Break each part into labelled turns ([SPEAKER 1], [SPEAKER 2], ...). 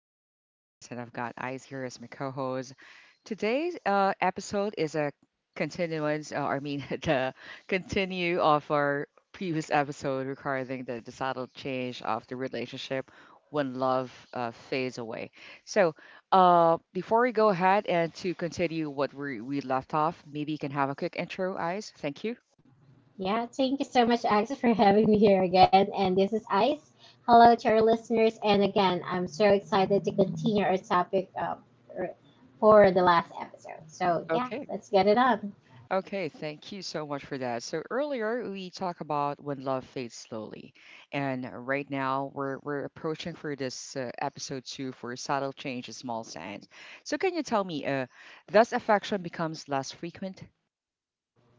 [SPEAKER 1] My name is Akis, and I've got Eyes here as my co-host. Today's episode is a continuance, the continue of our previous episode regarding the subtle change of the relationship when love fades away. So, before we go ahead and to continue what we left off, maybe you can have a quick intro, Eyes. Thank you.
[SPEAKER 2] Yeah, thank you so much, Alex, for having me here again. And this is Ice. Hello to our listeners. And again, I'm so excited to continue our topic for for the last episode. So, yeah,
[SPEAKER 1] Okay.
[SPEAKER 2] let's get it up.
[SPEAKER 1] Okay, thank you so much for that. So earlier we talked about when love fades slowly, and right now we're approaching for this episode two for subtle change in small signs. So can you tell me, thus affection becomes less frequent?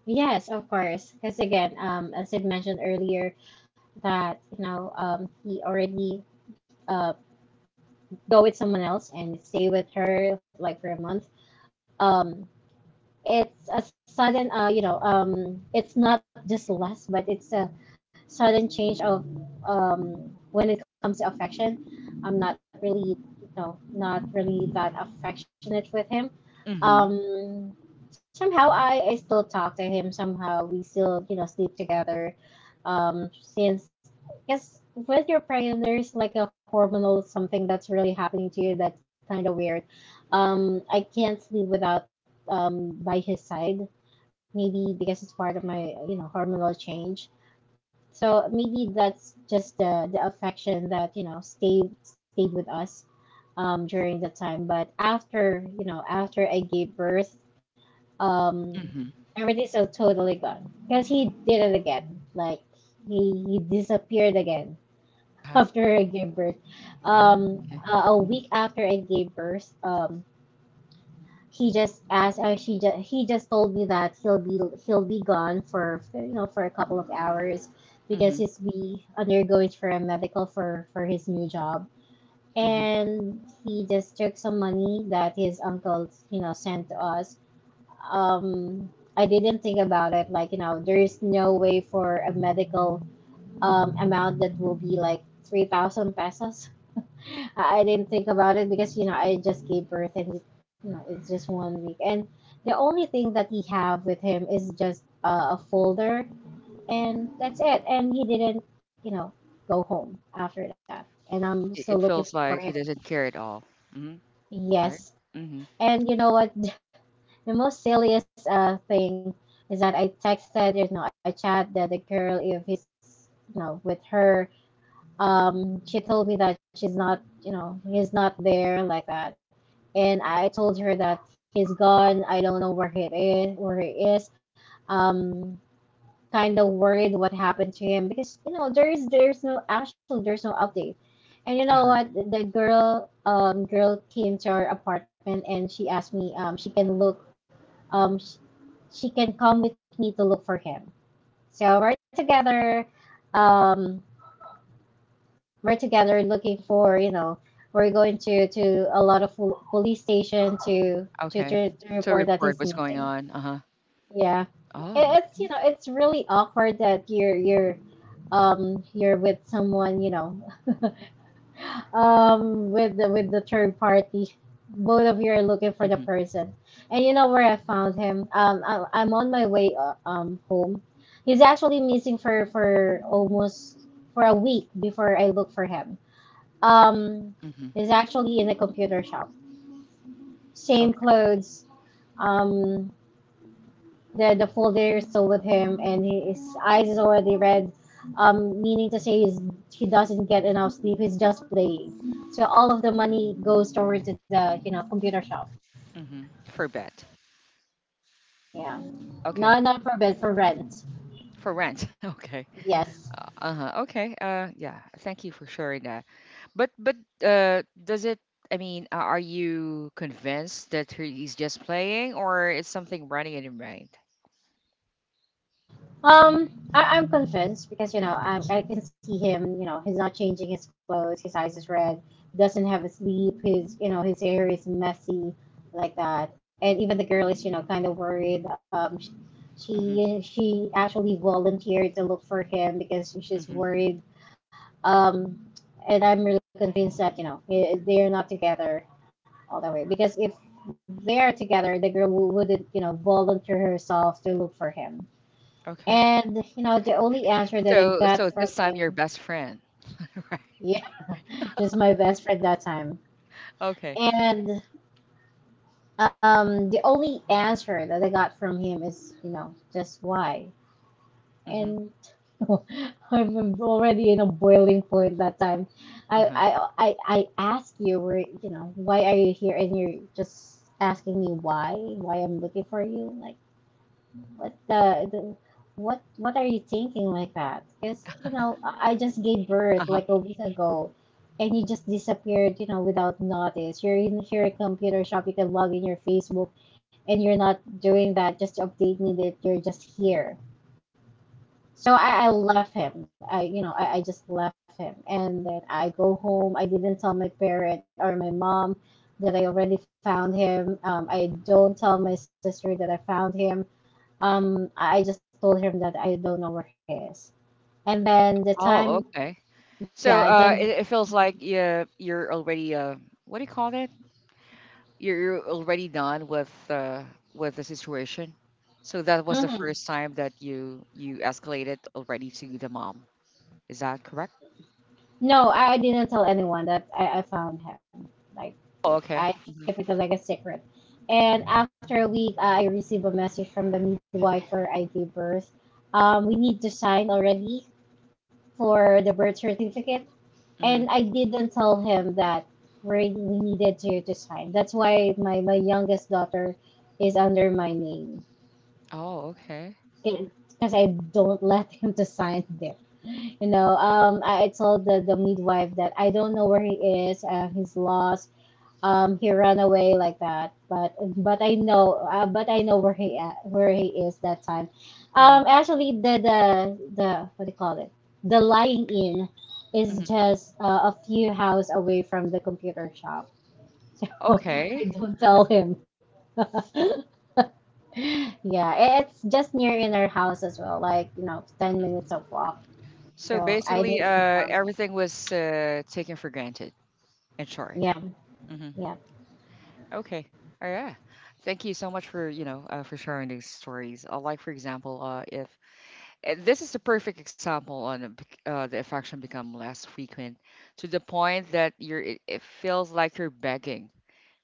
[SPEAKER 2] Yes, of course. Because again, as I mentioned earlier, that he already uh, go with someone else and stay with her like for a month. Um, it's a sudden, it's not just lust, but it's a sudden change of, um when it comes to affection. I'm not really you know not really that affectionate with him.
[SPEAKER 1] Mm-hmm.
[SPEAKER 2] Um somehow i i still talk to him. Somehow we still, sleep together. Since, yes, with your pregnant, there's like a hormonal something that's really happening to you that's kind of weird. I can't sleep without, by his side. Maybe because it's part of my, hormonal change. So maybe that's just the affection that, stayed with us, during the time. But after, after I gave birth, um,
[SPEAKER 1] Mm-hmm.
[SPEAKER 2] everything is so totally gone because he did it again. Like, he disappeared again
[SPEAKER 1] Uh-huh.
[SPEAKER 2] after I gave birth.
[SPEAKER 1] Oh,
[SPEAKER 2] um,
[SPEAKER 1] okay.
[SPEAKER 2] a a week
[SPEAKER 1] Mm-hmm.
[SPEAKER 2] after I gave birth, he just asked. She just he just told me that he'll be gone for, for a couple of hours, because
[SPEAKER 1] Mm-hmm.
[SPEAKER 2] he's be undergoing for a medical for his new job.
[SPEAKER 1] Mm-hmm.
[SPEAKER 2] And he just took some money that his uncle, sent to us. Um, I didn't think about it. Like, there is no way for a medical, amount that will be like 3,000 pesos. I didn't think about it because, I just gave birth, and, it's just 1 week, and the only thing that we have with him is just a folder. And that's it. And he didn't, go home after that. And I'm
[SPEAKER 1] It
[SPEAKER 2] still looking
[SPEAKER 1] feels
[SPEAKER 2] for
[SPEAKER 1] like
[SPEAKER 2] him.
[SPEAKER 1] he doesn't care at all. Mm-hmm.
[SPEAKER 2] Yes.
[SPEAKER 1] Right? Mm-hmm.
[SPEAKER 2] And you know what? The most silliest thing is that I texted, I chatted the girl if he's, with her. She told me that she's not, he's not there like that. And I told her that he's gone. I don't know where he is. Where he is. Um, kind of worried what happened to him, because, there's no, actually, there's no update. And you
[SPEAKER 1] Uh-huh.
[SPEAKER 2] know what? The girl came to our apartment and she asked me, she can look, um she, she can come with me to look for him. So we're together. Um, we're together looking for, we're going to a lot of police station to to,
[SPEAKER 1] Okay.
[SPEAKER 2] to
[SPEAKER 1] So
[SPEAKER 2] report that he's
[SPEAKER 1] report what's going
[SPEAKER 2] missing.
[SPEAKER 1] on. Uh-huh.
[SPEAKER 2] Yeah,
[SPEAKER 1] Oh,
[SPEAKER 2] it's,
[SPEAKER 1] okay.
[SPEAKER 2] it's really awkward that you're, you're with someone, with the third party. Both of you are looking for the
[SPEAKER 1] Mm-hmm.
[SPEAKER 2] person. And you know where I found him? I'm on my way, home. He's actually missing for almost for a week before I look for him, um
[SPEAKER 1] Mm-hmm.
[SPEAKER 2] is actually in a computer shop. Same
[SPEAKER 1] Okay.
[SPEAKER 2] clothes. Um, the folder is still with him, and his eyes is already red. Meaning to say is he doesn't get enough sleep. He's just playing. So all of the money goes towards the, computer shop.
[SPEAKER 1] Mm-hmm. For bet.
[SPEAKER 2] Yeah,
[SPEAKER 1] Okay.
[SPEAKER 2] not for bed, for rent.
[SPEAKER 1] For rent. Okay.
[SPEAKER 2] Yes.
[SPEAKER 1] Uh-huh. Okay. Yeah. Thank you for sharing that. But does it are you convinced that he's just playing or is something running in your mind?
[SPEAKER 2] Um, I'm convinced because, I can see him. You know, he's not changing his clothes. His eyes is red. Doesn't have a sleep. His, his hair is messy, like that. And even the girl is, kind of worried. Um,
[SPEAKER 1] Mhm.
[SPEAKER 2] she she actually volunteered to look for him because
[SPEAKER 1] Mhm.
[SPEAKER 2] she's worried. Um, and I'm really convinced that, they're not together all the way. Because if they're together, the girl wouldn't, volunteer herself to look for him.
[SPEAKER 1] Okay.
[SPEAKER 2] And, the only answer that I
[SPEAKER 1] So
[SPEAKER 2] got
[SPEAKER 1] so this
[SPEAKER 2] from
[SPEAKER 1] time your
[SPEAKER 2] him,
[SPEAKER 1] best friend. Right.
[SPEAKER 2] yeah, just my best friend that time.
[SPEAKER 1] Okay.
[SPEAKER 2] And, the only answer that I got from him is, just why.
[SPEAKER 1] Mhm.
[SPEAKER 2] And I'm already in a boiling point that time. I
[SPEAKER 1] Uh-huh.
[SPEAKER 2] I I ask you, where, why are you here? And you're just asking me, why I'm looking for you. Like, what the what are you thinking, like that? Because, I just gave
[SPEAKER 1] Uh-huh.
[SPEAKER 2] birth like a week ago, and you just disappeared, without notice. You're in your computer shop, you can log in your Facebook, and you're not doing that just to update me that you're just here. So I left him. I, you know, I just left him, and then I go home. I didn't tell my parent or my mom that I already found him. I don't tell my sister that I found him. I just told him that I don't know where he is. And then the
[SPEAKER 1] Oh,
[SPEAKER 2] time,
[SPEAKER 1] okay.
[SPEAKER 2] yeah,
[SPEAKER 1] So it,
[SPEAKER 2] then.
[SPEAKER 1] it feels like
[SPEAKER 2] the,
[SPEAKER 1] yeah, you're already what do you call that? You're already done with the situation. So that was the
[SPEAKER 2] mm-hmm.
[SPEAKER 1] first time that you escalated already to the mom. Is that correct?
[SPEAKER 2] No, I didn't tell anyone that I found him. Like,
[SPEAKER 1] Oh, okay.
[SPEAKER 2] I
[SPEAKER 1] Hmm.
[SPEAKER 2] kept it like a secret. And after a week, I received a message from the midwife where I gave birth. We need to sign already for the birth certificate,
[SPEAKER 1] Hmm.
[SPEAKER 2] and I didn't tell him that we needed to sign. That's why my youngest daughter is under my name,
[SPEAKER 1] Oh, okay.
[SPEAKER 2] because I don't let him to sign there. You know, I told the midwife that I don't know where he is, he's lost, he ran away like that. But but i know uh, but i know where he at, where he is that time.
[SPEAKER 1] Hmm.
[SPEAKER 2] Actually, the what do you call it? The lying in is
[SPEAKER 1] Hmm.
[SPEAKER 2] just a few house away from the computer shop. So I
[SPEAKER 1] Okay.
[SPEAKER 2] don't tell him. Yeah, it's just near in our house as well, like, 10 minutes of walk.
[SPEAKER 1] So
[SPEAKER 2] So I
[SPEAKER 1] basically,
[SPEAKER 2] didn't inform him.
[SPEAKER 1] everything was taken for granted and sorry.
[SPEAKER 2] Yeah.
[SPEAKER 1] Hmm.
[SPEAKER 2] Yeah.
[SPEAKER 1] Okay. Oh yeah. Thank you so much for you know for sharing these stories. Like for example, if This is a perfect example on a the affection become less frequent to the point that you're it feels like you're begging,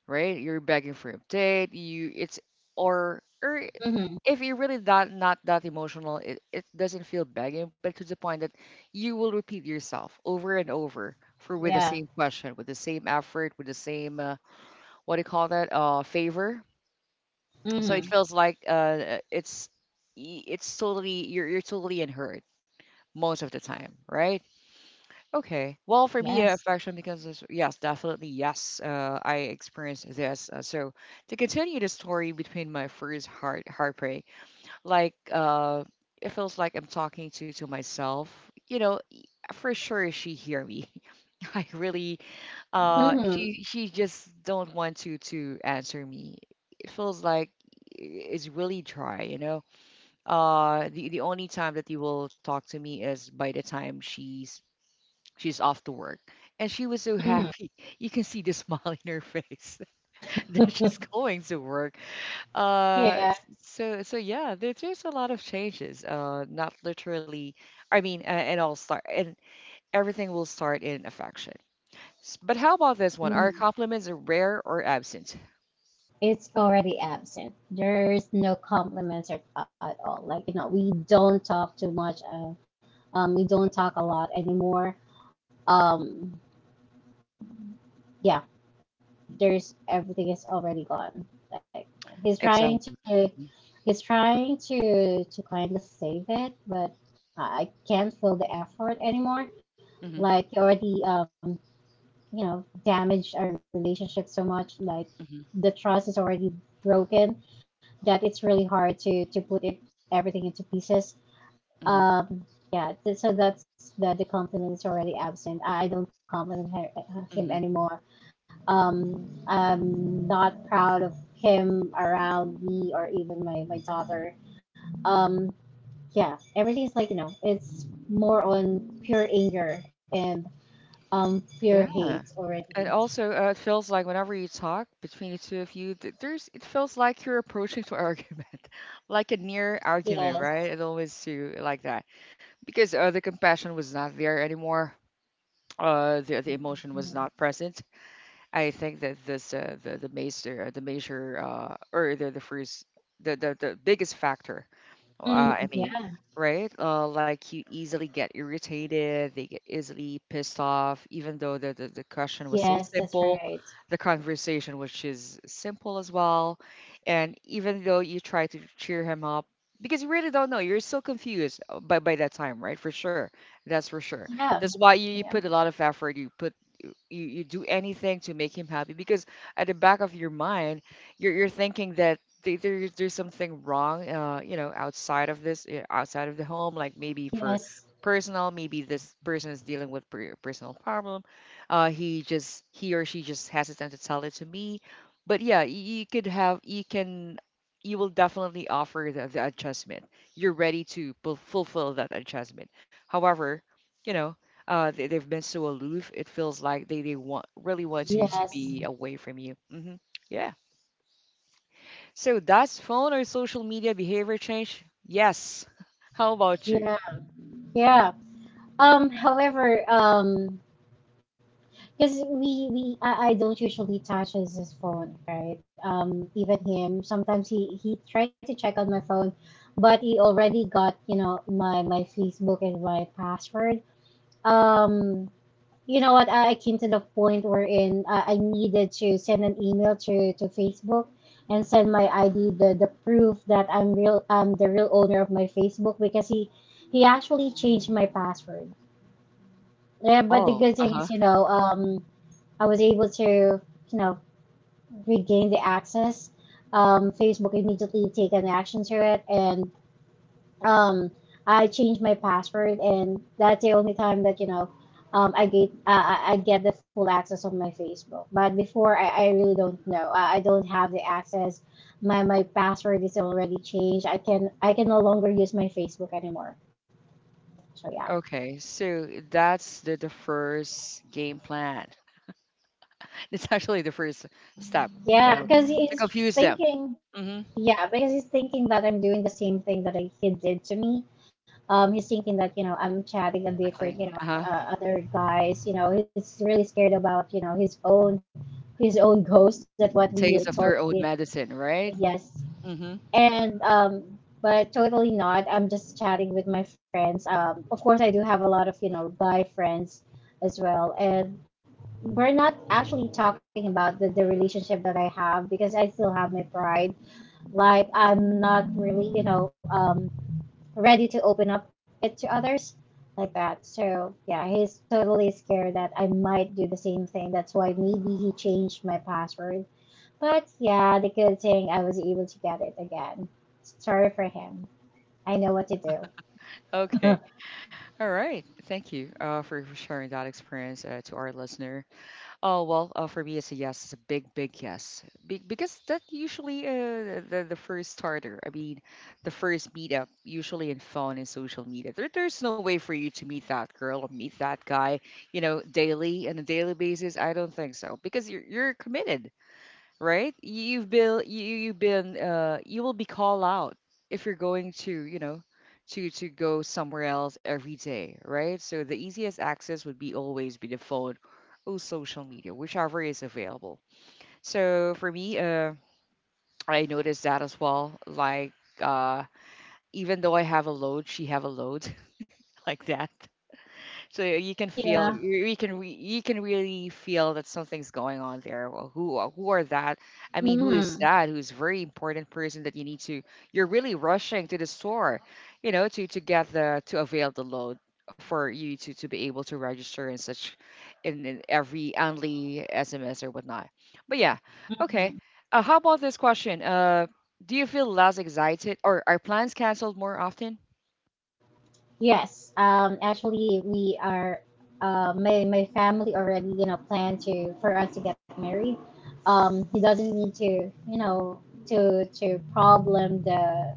[SPEAKER 1] right? You're begging for update. You it's or
[SPEAKER 2] Hmm.
[SPEAKER 1] if you're really that not that emotional, it doesn't feel begging, but to the point that you will repeat yourself over and over for with the
[SPEAKER 2] Yeah.
[SPEAKER 1] same question, with the same effort, with the same what do you call that? Favor. So it
[SPEAKER 2] Hmm.
[SPEAKER 1] feels like it's totally you're totally unheard most of the time, right? Okay. Well, for me,
[SPEAKER 2] Yes.
[SPEAKER 1] affection becomes this. Yes, definitely. Yes, I experienced this. So to continue the story between my first heartbreak, like uh, it feels like I'm talking to myself. You know, for sure she hear me. I really, uh,
[SPEAKER 2] Hmm.
[SPEAKER 1] she she just don't want to answer me. It feels like it's really dry, you know the only time that you will talk to me is by the time she's off to work. And she was so
[SPEAKER 2] Hmm.
[SPEAKER 1] happy. You can see the smile in her face that she's going to work. Uh,
[SPEAKER 2] Here,
[SPEAKER 1] s- so so yeah, there's a lot of changes. Not literally. And all start and everything will start in affection. But how about this one? Are compliments rare or absent?
[SPEAKER 2] it's already absent. There's no compliments at all. Like, we don't talk too much. Uh, we don't talk a lot anymore. Um, yeah, there's everything is already gone. Like, he's trying
[SPEAKER 1] Exactly.
[SPEAKER 2] to,
[SPEAKER 1] Hmm.
[SPEAKER 2] he's trying to kind of save it, but I can't feel the effort anymore.
[SPEAKER 1] Hmm.
[SPEAKER 2] Like, he already, damaged our relationship so much. Like,
[SPEAKER 1] Hmm.
[SPEAKER 2] the trust is already broken, that it's really hard to put it everything into pieces.
[SPEAKER 1] Hmm.
[SPEAKER 2] Um, yeah, so that's the, confidence already absent. I don't compliment her, him
[SPEAKER 1] Hmm.
[SPEAKER 2] anymore. I'm not proud of him around me or even my daughter. Um, yeah, everything is, like, it's more on pure anger and um pure hate
[SPEAKER 1] Yeah.
[SPEAKER 2] already.
[SPEAKER 1] And also, it feels like whenever you talk between the two of you, th- there's it feels like you're approaching to argument, like a near argument,
[SPEAKER 2] Yes.
[SPEAKER 1] right? It always do like that because the compassion was not there anymore.
[SPEAKER 2] Mm.
[SPEAKER 1] The emotion was
[SPEAKER 2] Mm.
[SPEAKER 1] not present. I think that this the major or the first the biggest factor well,
[SPEAKER 2] Mm, yeah.
[SPEAKER 1] right? Like you easily get irritated, they get easily pissed off, even though the question was so
[SPEAKER 2] Yes, that's
[SPEAKER 1] simple,
[SPEAKER 2] right.
[SPEAKER 1] the conversation which is simple as well. And even though you try to cheer him up, because you really don't know, you're so confused by that time, right? For sure. That's for sure.
[SPEAKER 2] Yeah.
[SPEAKER 1] That's why you, you
[SPEAKER 2] Yeah.
[SPEAKER 1] put a lot of effort, you put you do anything to make him happy because at the back of your mind you're thinking that there's something wrong you know outside of this outside of the home like maybe for
[SPEAKER 2] Yes.
[SPEAKER 1] personal maybe this person is dealing with personal problem he just he or she just hesitant to tell it to me but yeah you could have you can you will definitely offer the adjustment you're ready to fulfill that adjustment however you know they, they've been so aloof. It feels like they want really
[SPEAKER 2] Yeah,
[SPEAKER 1] want you to be away from you. Hmm. Yeah. So that's phone or social media behavior change? Yes. How about you?
[SPEAKER 2] yeah, yeah. However, um, because I don't usually touch his phone, right? Even him, sometimes he tried to check on my phone, but he already got, my Facebook and my password. Um, you know what? I came to the point wherein I needed to send an email to Facebook, and send my ID, the proof that I'm the real owner of my Facebook, because he actually changed my password. Yeah, but because,
[SPEAKER 1] Oh,
[SPEAKER 2] you
[SPEAKER 1] uh-huh.
[SPEAKER 2] know, um, I was able to, know, regain the access. Facebook immediately took an action to it, and, um, I changed my password, and that's the only time that, I get the full access on my Facebook. But before, I really don't know. I don't have the access. My password is already changed. I can no longer use my Facebook anymore. So yeah,
[SPEAKER 1] Okay. So that's the first game plan. It's actually the first step,
[SPEAKER 2] yeah,
[SPEAKER 1] you know,
[SPEAKER 2] because
[SPEAKER 1] to confuse them.
[SPEAKER 2] thinking
[SPEAKER 1] Mm-hmm.
[SPEAKER 2] yeah, because he's thinking that I'm doing the same thing that he did to me. He's thinking that, I'm chatting a
[SPEAKER 1] Exactly.
[SPEAKER 2] different,
[SPEAKER 1] Uh-huh.
[SPEAKER 2] other guys. You know, he's really scared about, his own ghost. That what we
[SPEAKER 1] Taste of
[SPEAKER 2] told.
[SPEAKER 1] their own medicine, right?
[SPEAKER 2] Yes,
[SPEAKER 1] Mm-hmm.
[SPEAKER 2] and, but totally not. I'm just chatting with my friends. Of course, I do have a lot of, guy friends as well, and we're not actually talking about the relationship that I have, because I still have my pride. Like, I'm not really, ready to open up it to others like that. So yeah, he's totally scared that I might do the same thing. That's why maybe he changed my password. But yeah, the good thing I was able to get it again. Sorry for him. I know what to do.
[SPEAKER 1] Okay. All right. Thank you for sharing that experience to our listener. Oh well, for me, it's a yes. It's a big, big yes, because that usually the first starter. I mean, the first meetup usually in phone and social media. There, there's no way for you to meet that girl or meet that guy, you know, daily on a daily basis. I don't think so because you're committed right? Have been you you've been you will be called out if you're going to, you know, to go somewhere else every day, right? So the easiest access would be always be the phone or social media, whichever is available. So for me, I noticed that as well. Like uh even though I have a load, she have a load like that. So you can
[SPEAKER 2] Yeah.
[SPEAKER 1] feel you can really feel that something's going on there. Well, who are that? I mean, who
[SPEAKER 2] hmm
[SPEAKER 1] is that? Who's a very important person that you need to you're really rushing to the store, you know, to get the to avail the load for you to be able to register and such in every only SMS or whatnot. But yeah, okay. How about this question? Do you feel less excited or are plans canceled more often?
[SPEAKER 2] Yes, actually, we are. My family already plan to for us to get married. He doesn't need to to problem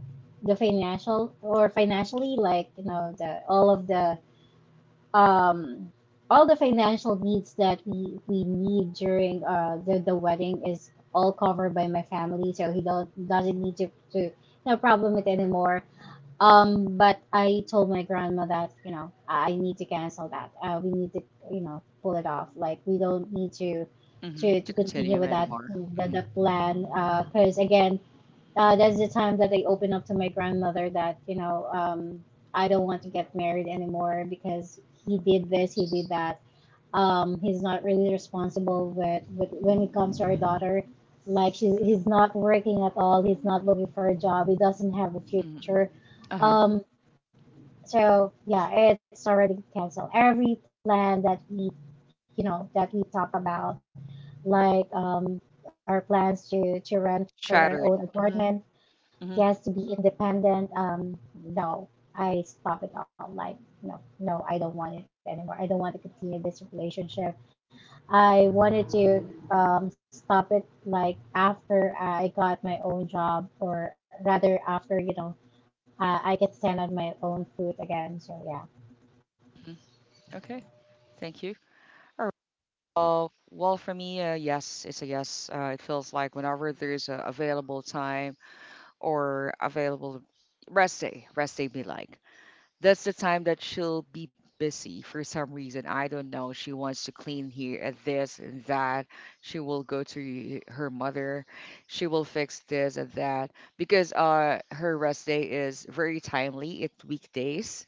[SPEAKER 2] the financial or financially like the all of the um all the financial needs that we need during the wedding is all covered by my family, so he don't doesn't need to to no problem with anymore. But I told my grandma that, you know, I need to cancel that. We need to, you know, pull it off. Like we don't need to
[SPEAKER 1] Hmm.
[SPEAKER 2] to
[SPEAKER 1] To
[SPEAKER 2] continue with
[SPEAKER 1] continue
[SPEAKER 2] that
[SPEAKER 1] anymore.
[SPEAKER 2] the plan. Because again, that's the time that I open up to my grandmother that I don't want to get married anymore because he did this, he did that. He's not really responsible with when it comes to our daughter. Like he's not working at all. He's not looking for a job. He doesn't have a
[SPEAKER 1] Hmm.
[SPEAKER 2] future.
[SPEAKER 1] Uh-huh.
[SPEAKER 2] Um, so yeah, it's already canceled. Every plan that we, you know, that we talk about, like our plans to rent for our
[SPEAKER 1] Shattered.
[SPEAKER 2] own
[SPEAKER 1] Mhm,
[SPEAKER 2] apartment,
[SPEAKER 1] mhm,
[SPEAKER 2] yes, to be independent. No, I stop it all. Like no, no, I don't want it anymore. I don't want to continue this relationship. I wanted to stop it like after I got my own job, or rather after I could stand on my own foot again. So yeah.
[SPEAKER 1] mhm. Okay. Thank you. All right. Well, well, for me, yes, it's a yes. It feels like whenever there's a available time or available rest day be like. That's the time that she'll be busy for some reason. I don't know. She wants to clean here at this and that. She will go to her mother. She will fix this and that because her rest day is very timely. It's weekdays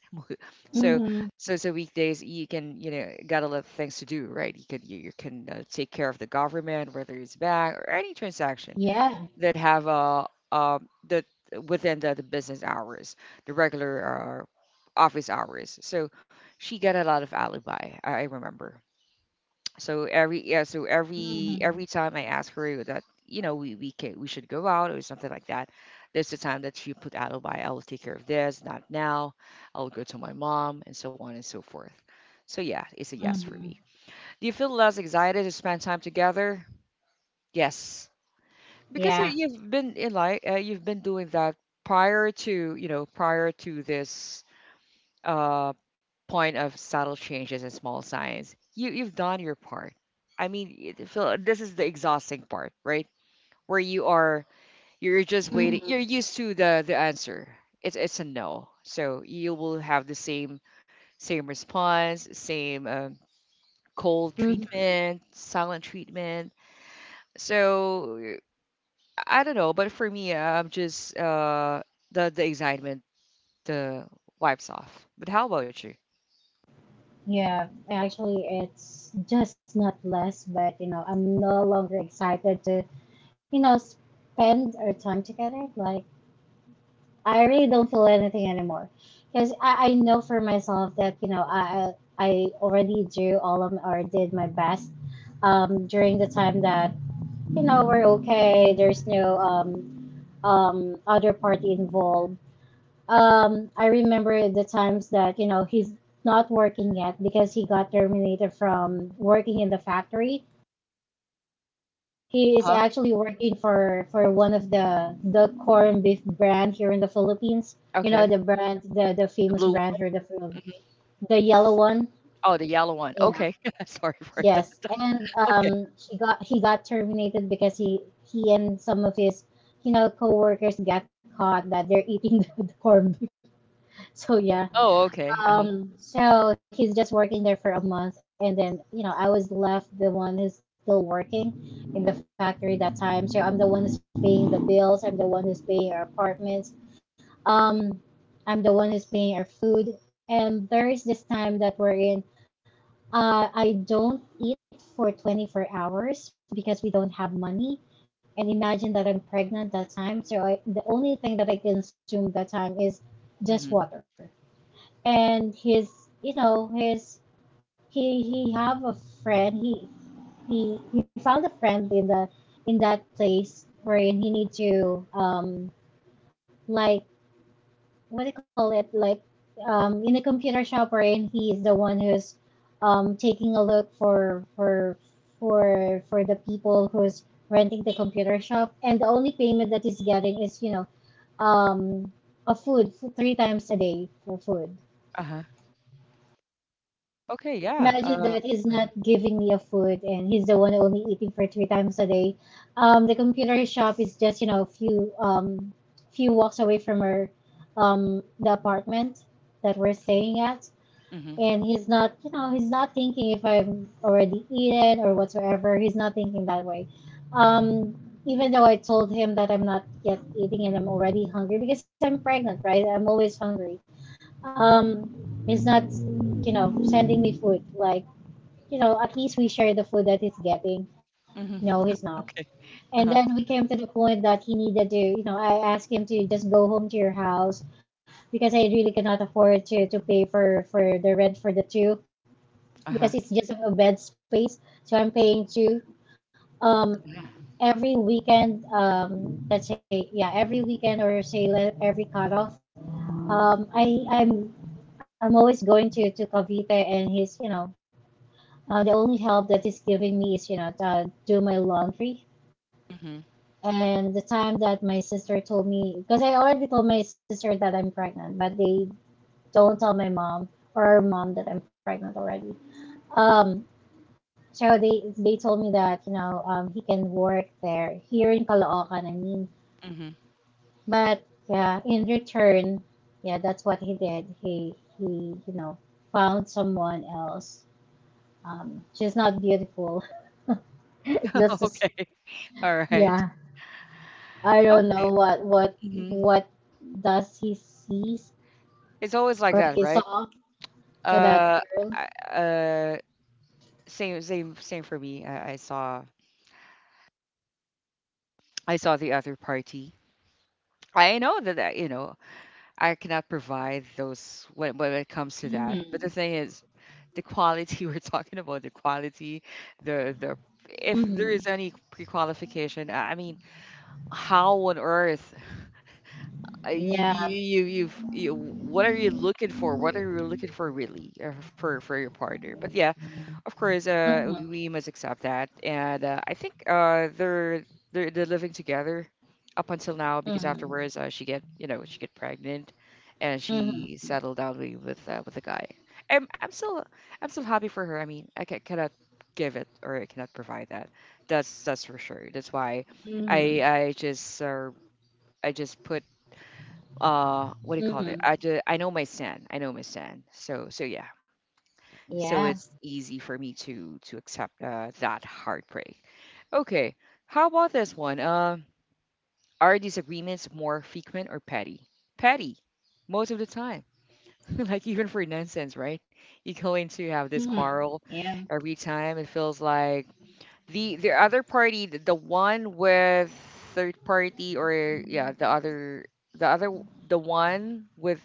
[SPEAKER 1] so,
[SPEAKER 2] hmm
[SPEAKER 1] so so weekdays you can you know got a lot of things to do, right? You could you can take care of the government, whether it's bank or any transaction
[SPEAKER 2] Yeah.
[SPEAKER 1] that have that within the business hours, the regular office hours. So she got a lot of alibi. I remember. So every yeah, so
[SPEAKER 2] hmm
[SPEAKER 1] every time I ask her that you know we can we should go out or something like that, there's a time that she put out a buy. I will take care of this, not now. I will go to my mom and so on and so forth. So yeah, it's a yes for
[SPEAKER 2] hmm
[SPEAKER 1] me. Do you feel less excited to spend time together? Yes, because you
[SPEAKER 2] Yeah.
[SPEAKER 1] you've been in like you've been doing that prior to you know prior to this uh, point of subtle changes and small signs, you've done your part. I mean, Phil, this is the exhausting part, right? Where you are, you're just waiting.
[SPEAKER 2] hmm
[SPEAKER 1] You're used to the answer. It's a no, so you will have the same same response, same cold
[SPEAKER 2] hmm
[SPEAKER 1] treatment, silent treatment. So I don't know, but for me, I'm just the excitement the wipes off. But how about you?
[SPEAKER 2] Yeah. Actually, it's just not less, but you know, I'm no longer excited to, you know, spend our time together. Like, I really don't feel anything anymore because I know for myself that I already drew all of m- or did my best during the time that you know we're okay. There's no other party involved. Um, I remember the times that you know he's not working yet because he got terminated from working in the factory. He is
[SPEAKER 1] Huh?
[SPEAKER 2] actually working for one of the corn beef brand here in the Philippines. You know
[SPEAKER 1] Okay,
[SPEAKER 2] the brand, the
[SPEAKER 1] the
[SPEAKER 2] famous
[SPEAKER 1] blue one.
[SPEAKER 2] brand here, the yellow one.
[SPEAKER 1] Oh, the yellow one. Okay.
[SPEAKER 2] Yeah.
[SPEAKER 1] Sorry for that.
[SPEAKER 2] Yes. And
[SPEAKER 1] Okay.
[SPEAKER 2] she got he got terminated because he and some of his coworkers got caught that they're eating the corn beef. So yeah.
[SPEAKER 1] Oh, okay. Uh-huh.
[SPEAKER 2] So he's just working there for a month, and then you know I was left the one who's still working in the factory at that time. So I'm the one who's paying the bills. I'm the one who's paying our apartments. Um, I'm the one who's paying our food. And there is this time that we're in. I don't eat for 24 hours because we don't have money. And imagine that I'm pregnant at that time. So the only thing that I consume at that time is just
[SPEAKER 1] Mhm.
[SPEAKER 2] water and his you know his he have a friend he found a friend in the in that place wherein he needs to like what do you call it like in a computer shop wherein he is the one who's taking a look for the people who's renting the computer shop, and the only payment that he's getting is um a food three times a day for food.
[SPEAKER 1] Uh-huh. Okay, yeah.
[SPEAKER 2] Imagine that he's not
[SPEAKER 1] Mhm,
[SPEAKER 2] giving me a food and he's the one only eating for three times a day. The computer shop is just you know a few few walks away from our the apartment that we're staying at,
[SPEAKER 1] mhm,
[SPEAKER 2] and he's not he's not thinking if I've already eaten or whatsoever. He's not thinking that way. Um, even though I told him that I'm not yet eating and I'm already hungry because I'm pregnant, right? I'm always hungry. Um, he's not you know sending me food like you know, at least we share the food that he's getting.
[SPEAKER 1] mhm.
[SPEAKER 2] No, he's not.
[SPEAKER 1] Okay.
[SPEAKER 2] And
[SPEAKER 1] Uh-huh.
[SPEAKER 2] then we came to the point that he needed to, you know, I asked him to just go home to your house because I really cannot afford to pay for the rent for the two
[SPEAKER 1] Uh-huh.
[SPEAKER 2] because it's just a bed space. So I'm paying two. Um,
[SPEAKER 1] Yeah.
[SPEAKER 2] every weekend, let's say, yeah, every weekend or say every cutoff, um, I, I'm, I'm always going to Cavite, and he's, you know, uh, the only help that is giving me is, you know, do my laundry.
[SPEAKER 1] Mhm,
[SPEAKER 2] And the time that my sister told me, because I already told my sister that I'm pregnant, but they don't tell my mom or our mom that I'm pregnant already. Um, so they told me that he can work there here in Caloocan. I mean,
[SPEAKER 1] mhm.
[SPEAKER 2] but yeah, in return, yeah, that's what he did. He you know found someone else. She's not beautiful. That's just
[SPEAKER 1] Okay. All right.
[SPEAKER 2] yeah. I don't know
[SPEAKER 1] Okay. Mhm.
[SPEAKER 2] what does he sees
[SPEAKER 1] It's always like
[SPEAKER 2] or
[SPEAKER 1] that,
[SPEAKER 2] he
[SPEAKER 1] right?
[SPEAKER 2] saw to that
[SPEAKER 1] Uh,
[SPEAKER 2] girl.
[SPEAKER 1] I, uh, same, same, same for me. I saw the other party. I know that, that you know, I cannot provide those when it comes to that.
[SPEAKER 2] Mm-hmm.
[SPEAKER 1] But the thing is, the quality we're talking about, the quality, the if
[SPEAKER 2] hmm
[SPEAKER 1] there is any pre-qualification, I mean, how on earth uh, y- you
[SPEAKER 2] Yeah.
[SPEAKER 1] you've you, what are you looking for? What are you looking for really for your partner? But yeah, of course, we
[SPEAKER 2] Mm-hmm.
[SPEAKER 1] we must accept that, and I think they're living together up until now because afterwards she get she get pregnant, and
[SPEAKER 2] hmm
[SPEAKER 1] she settled down with with a guy. I'm I'm still I'm still happy for her. I mean, cannot give it or I cannot provide that. That's for sure. That's why I
[SPEAKER 2] hmm
[SPEAKER 1] I just uh, I just put what do you call it?
[SPEAKER 2] hmm
[SPEAKER 1] I just, I know my stand. I know my stand. So yeah, so
[SPEAKER 2] Yeah.
[SPEAKER 1] it's easy for me to accept that heartbreak. Okay, how about this one? Are disagreements more frequent or petty? Petty, most of the time. Like even for nonsense, right? You go in to have this
[SPEAKER 2] hmm
[SPEAKER 1] quarrel
[SPEAKER 2] Yeah.
[SPEAKER 1] every time. It feels like the other party, the one with third party, or yeah, the other the one with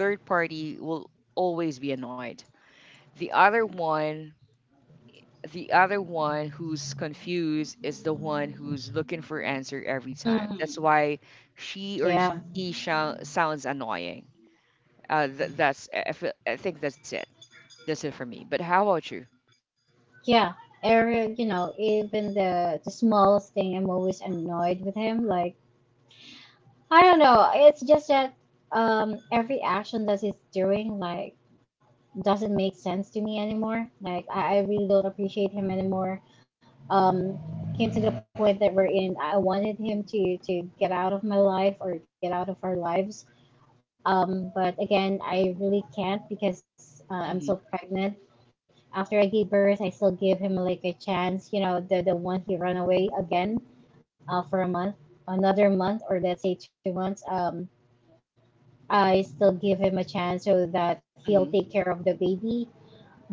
[SPEAKER 1] third party will always be annoyed. The other one the other one who's confused is the one who's looking for answer every time. That's
[SPEAKER 2] hmm
[SPEAKER 1] why she or
[SPEAKER 2] Yeah.
[SPEAKER 1] he sounds annoying. That's I feel, I think that's it. That's it for me. But how about you?
[SPEAKER 2] Yeah. Eric, you know, even the smallest thing, I'm always annoyed with him. Like I don't know. It's just that every action that he's doing, like doesn't make sense to me anymore. Like I really don't appreciate him anymore. Um, it came to the point that we're in. I wanted him to get out of my life or get out of our lives. But again, I really can't because I'm still
[SPEAKER 1] Hmm
[SPEAKER 2] pregnant. After I gave birth, I still gave him like a chance. You know, the one he ran away again for a month, another month, or let's say 2 months. I still give him a chance so that he'll
[SPEAKER 1] hmm
[SPEAKER 2] take care of the baby,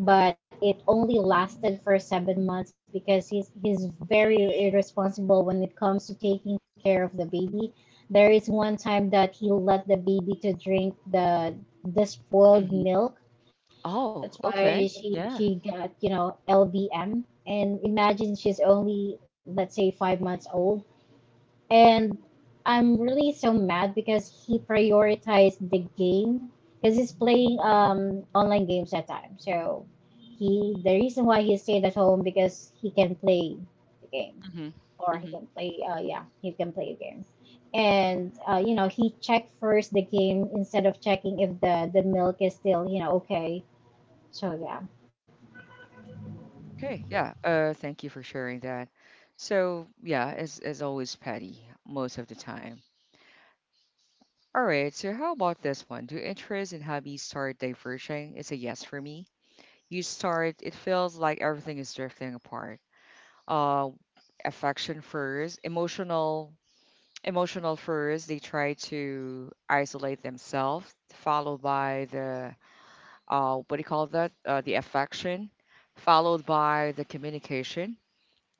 [SPEAKER 2] but it only lasted for 7 months because he's very irresponsible when it comes to taking care of the baby. There is one time that he let the baby to drink the spoiled
[SPEAKER 1] hmm
[SPEAKER 2] milk.
[SPEAKER 1] Oh,
[SPEAKER 2] That's
[SPEAKER 1] okay.
[SPEAKER 2] why
[SPEAKER 1] Yeah.
[SPEAKER 2] she got you know LBM. And imagine she's only let's say 5 months old. And I'm really so mad because he prioritized the game because he's playing online games that time. So he the reason why he stayed at home because he can play the game
[SPEAKER 1] hmm
[SPEAKER 2] or he
[SPEAKER 1] hmm
[SPEAKER 2] can play yeah he can play a game, and you know he checked first the game instead of checking if the the milk is still you know okay. So yeah.
[SPEAKER 1] Okay. Yeah. Thank you for sharing that. So yeah, as always, petty most of the time. All right. So how about this one? Do interests and hobbies start diverging? It's a yes for me. You start, it feels like everything is drifting apart. Uh, Affection first, emotional, emotional first. They try to isolate themselves, followed by the what do you call that? The affection, followed by the communication,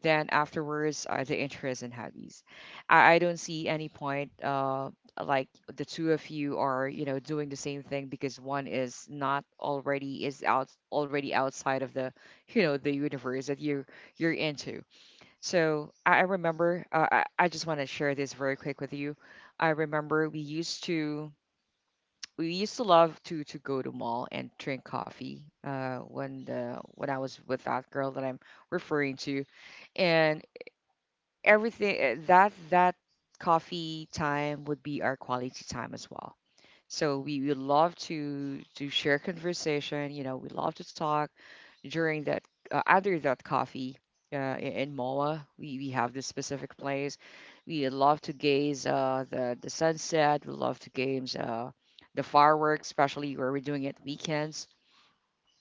[SPEAKER 1] then afterwards are the interests and hobbies. I don't see any point like the two of you are, you know, doing the same thing because one is not already is out already outside of the, you know, the universe that you're into. So I remember I just want to share this very quick with you. I remember we used to love to go to mall and drink coffee when the when I was with that girl that I'm referring to, and everything that coffee time would be our quality time as well. So we love to share conversation, you know, we love to talk during that, under that coffee. In Moa, we have this specific place we love to gaze the sunset, we love to games the fireworks, especially where we're doing it weekends.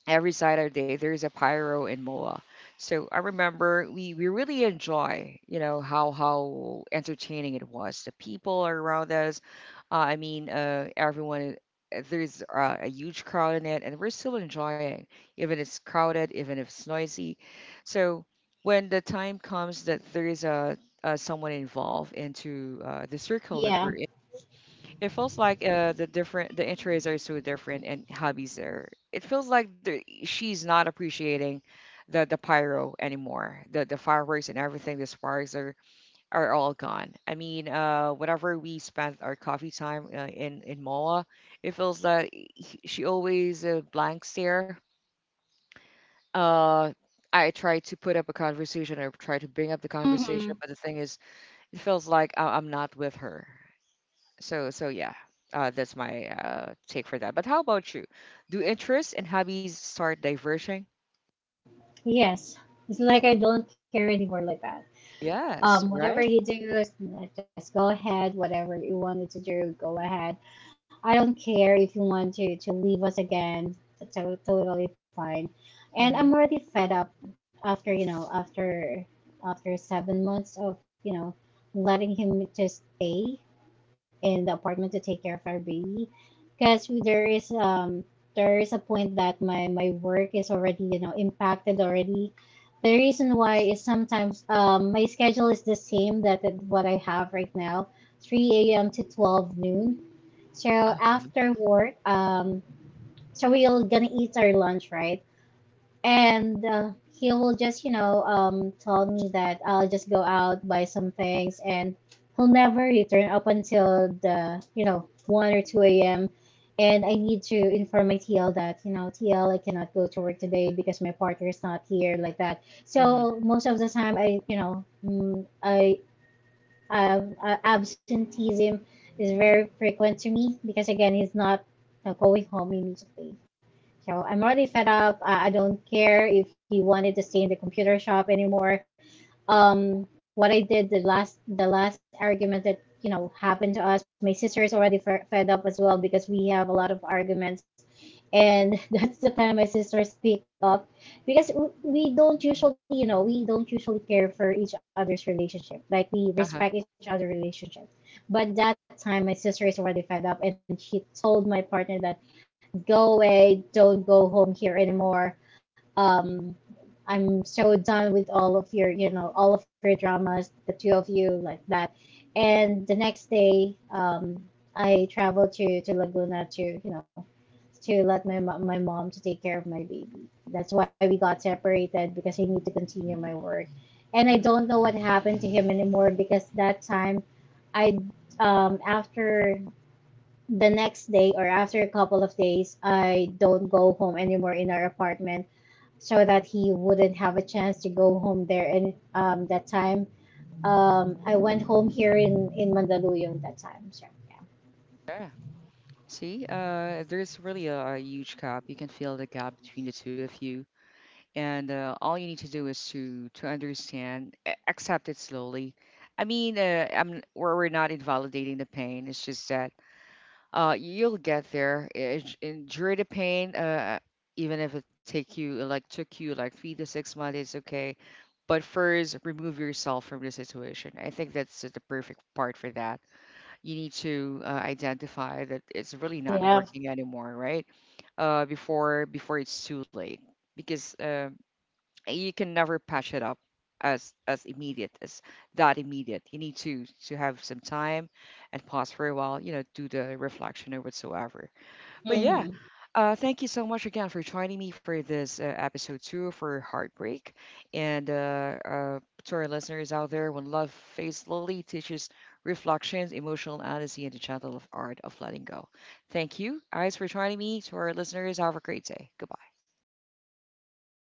[SPEAKER 1] Every Saturday there's a pyro in Moa. So I remember we really enjoy, you know, how entertaining it was. The people around us, I mean, everyone. There's a huge crowd in it, and we're still enjoying, even if it's crowded, even if it's noisy. So when the time comes that there is a, someone involved into the circle
[SPEAKER 2] Yeah.
[SPEAKER 1] that we're, it feels like the interests are so different and hobbies are. It feels like she's not appreciating the pyro anymore. The fireworks and everything, the sparks are all gone. I mean, whenever we spent our coffee time in Moa, it feels that she always blank stare. Uh, I try to put up a conversation or try to bring up the
[SPEAKER 2] Mm-mm.
[SPEAKER 1] conversation, but the thing is, it feels like I'm not with her. So yeah, that's my take for that. But how about you? Do interests and hobbies start diverging?
[SPEAKER 2] Yes, it's like I don't care anymore like that.
[SPEAKER 1] Yes,
[SPEAKER 2] Um, whatever
[SPEAKER 1] right?
[SPEAKER 2] you do, just go ahead. Whatever you wanted to do, go ahead. I don't care if you want to leave us again. That's totally fine. And
[SPEAKER 1] Mm-hmm.
[SPEAKER 2] I'm already fed up after, you know, after 7 months of, you know, letting him just stay in the apartment to take care of our baby because there is a point that my work is already you know impacted already, the reason why is sometimes my schedule is the same that what I have right now, 3 a.m. to 12 noon. So after work, so we're gonna eat our lunch, right? And he will just, you know, tell me that I'll just go out, buy some things, and he'll never return up until the, you know, 1 or 2 a.m. And I need to inform my TL that, you know, TL, I cannot go to work today because my partner is not here, like that.
[SPEAKER 1] Mm-hmm.
[SPEAKER 2] So most of the time, I, you know, mm, I of absenteeism is very frequent to me because again, he's not going home immediately. So I'm already fed up. I don't care if he wanted to stay in the computer shop anymore. What I did the last argument that you know happened to us, my sister is already fed up as well because we have a lot of arguments, and that's the time my sisters speak up because we don't usually we don't usually care for each other's relationship, like we
[SPEAKER 1] Uh-huh.
[SPEAKER 2] respect each other's relationship. But that time my sister is already fed up, and she told my partner that go away, don't go home here anymore. um I'm so done with all of your you know all of your dramas, the two of you, like that. And the next day, I traveled to laguna to you know to let my my mom to take care of my baby. That's why we got separated because I need to continue my work. And I
[SPEAKER 1] Mm-hmm.
[SPEAKER 2] don't know what happened to him anymore because that time I after the next day or after a couple of days I don't go home anymore in our apartment so that he wouldn't have a chance to go home there, and that time I went home here in Mandaluyong that time. So
[SPEAKER 1] Yeah. See, there's really a huge gap. You can feel the gap between the two of you, and all you need to do is to understand, accept it slowly. I mean, I'm we're not invalidating the pain. It's just that you'll get there. Eh, endure the pain even if it take you like took you like 3 to 6 months, it's okay. But first remove yourself from the situation. I think that's the perfect part for that. You need to identify that it's really
[SPEAKER 2] yeah.
[SPEAKER 1] not
[SPEAKER 2] Yeah.
[SPEAKER 1] working anymore, right? Before before it's too late because you can never patch it up as immediate as that immediate. You need to have some time and pause for a while, you know, do the reflection or whatsoever. But
[SPEAKER 2] Mm-hmm.
[SPEAKER 1] yeah, thank you so much again for joining me for this episode 2 for Heartbreak. And to our listeners out there, when love fades slowly, teaches reflections, emotional honesty, and the gentle of art of letting go. Thank you, guys, for joining me. To our listeners, have a great day. Goodbye.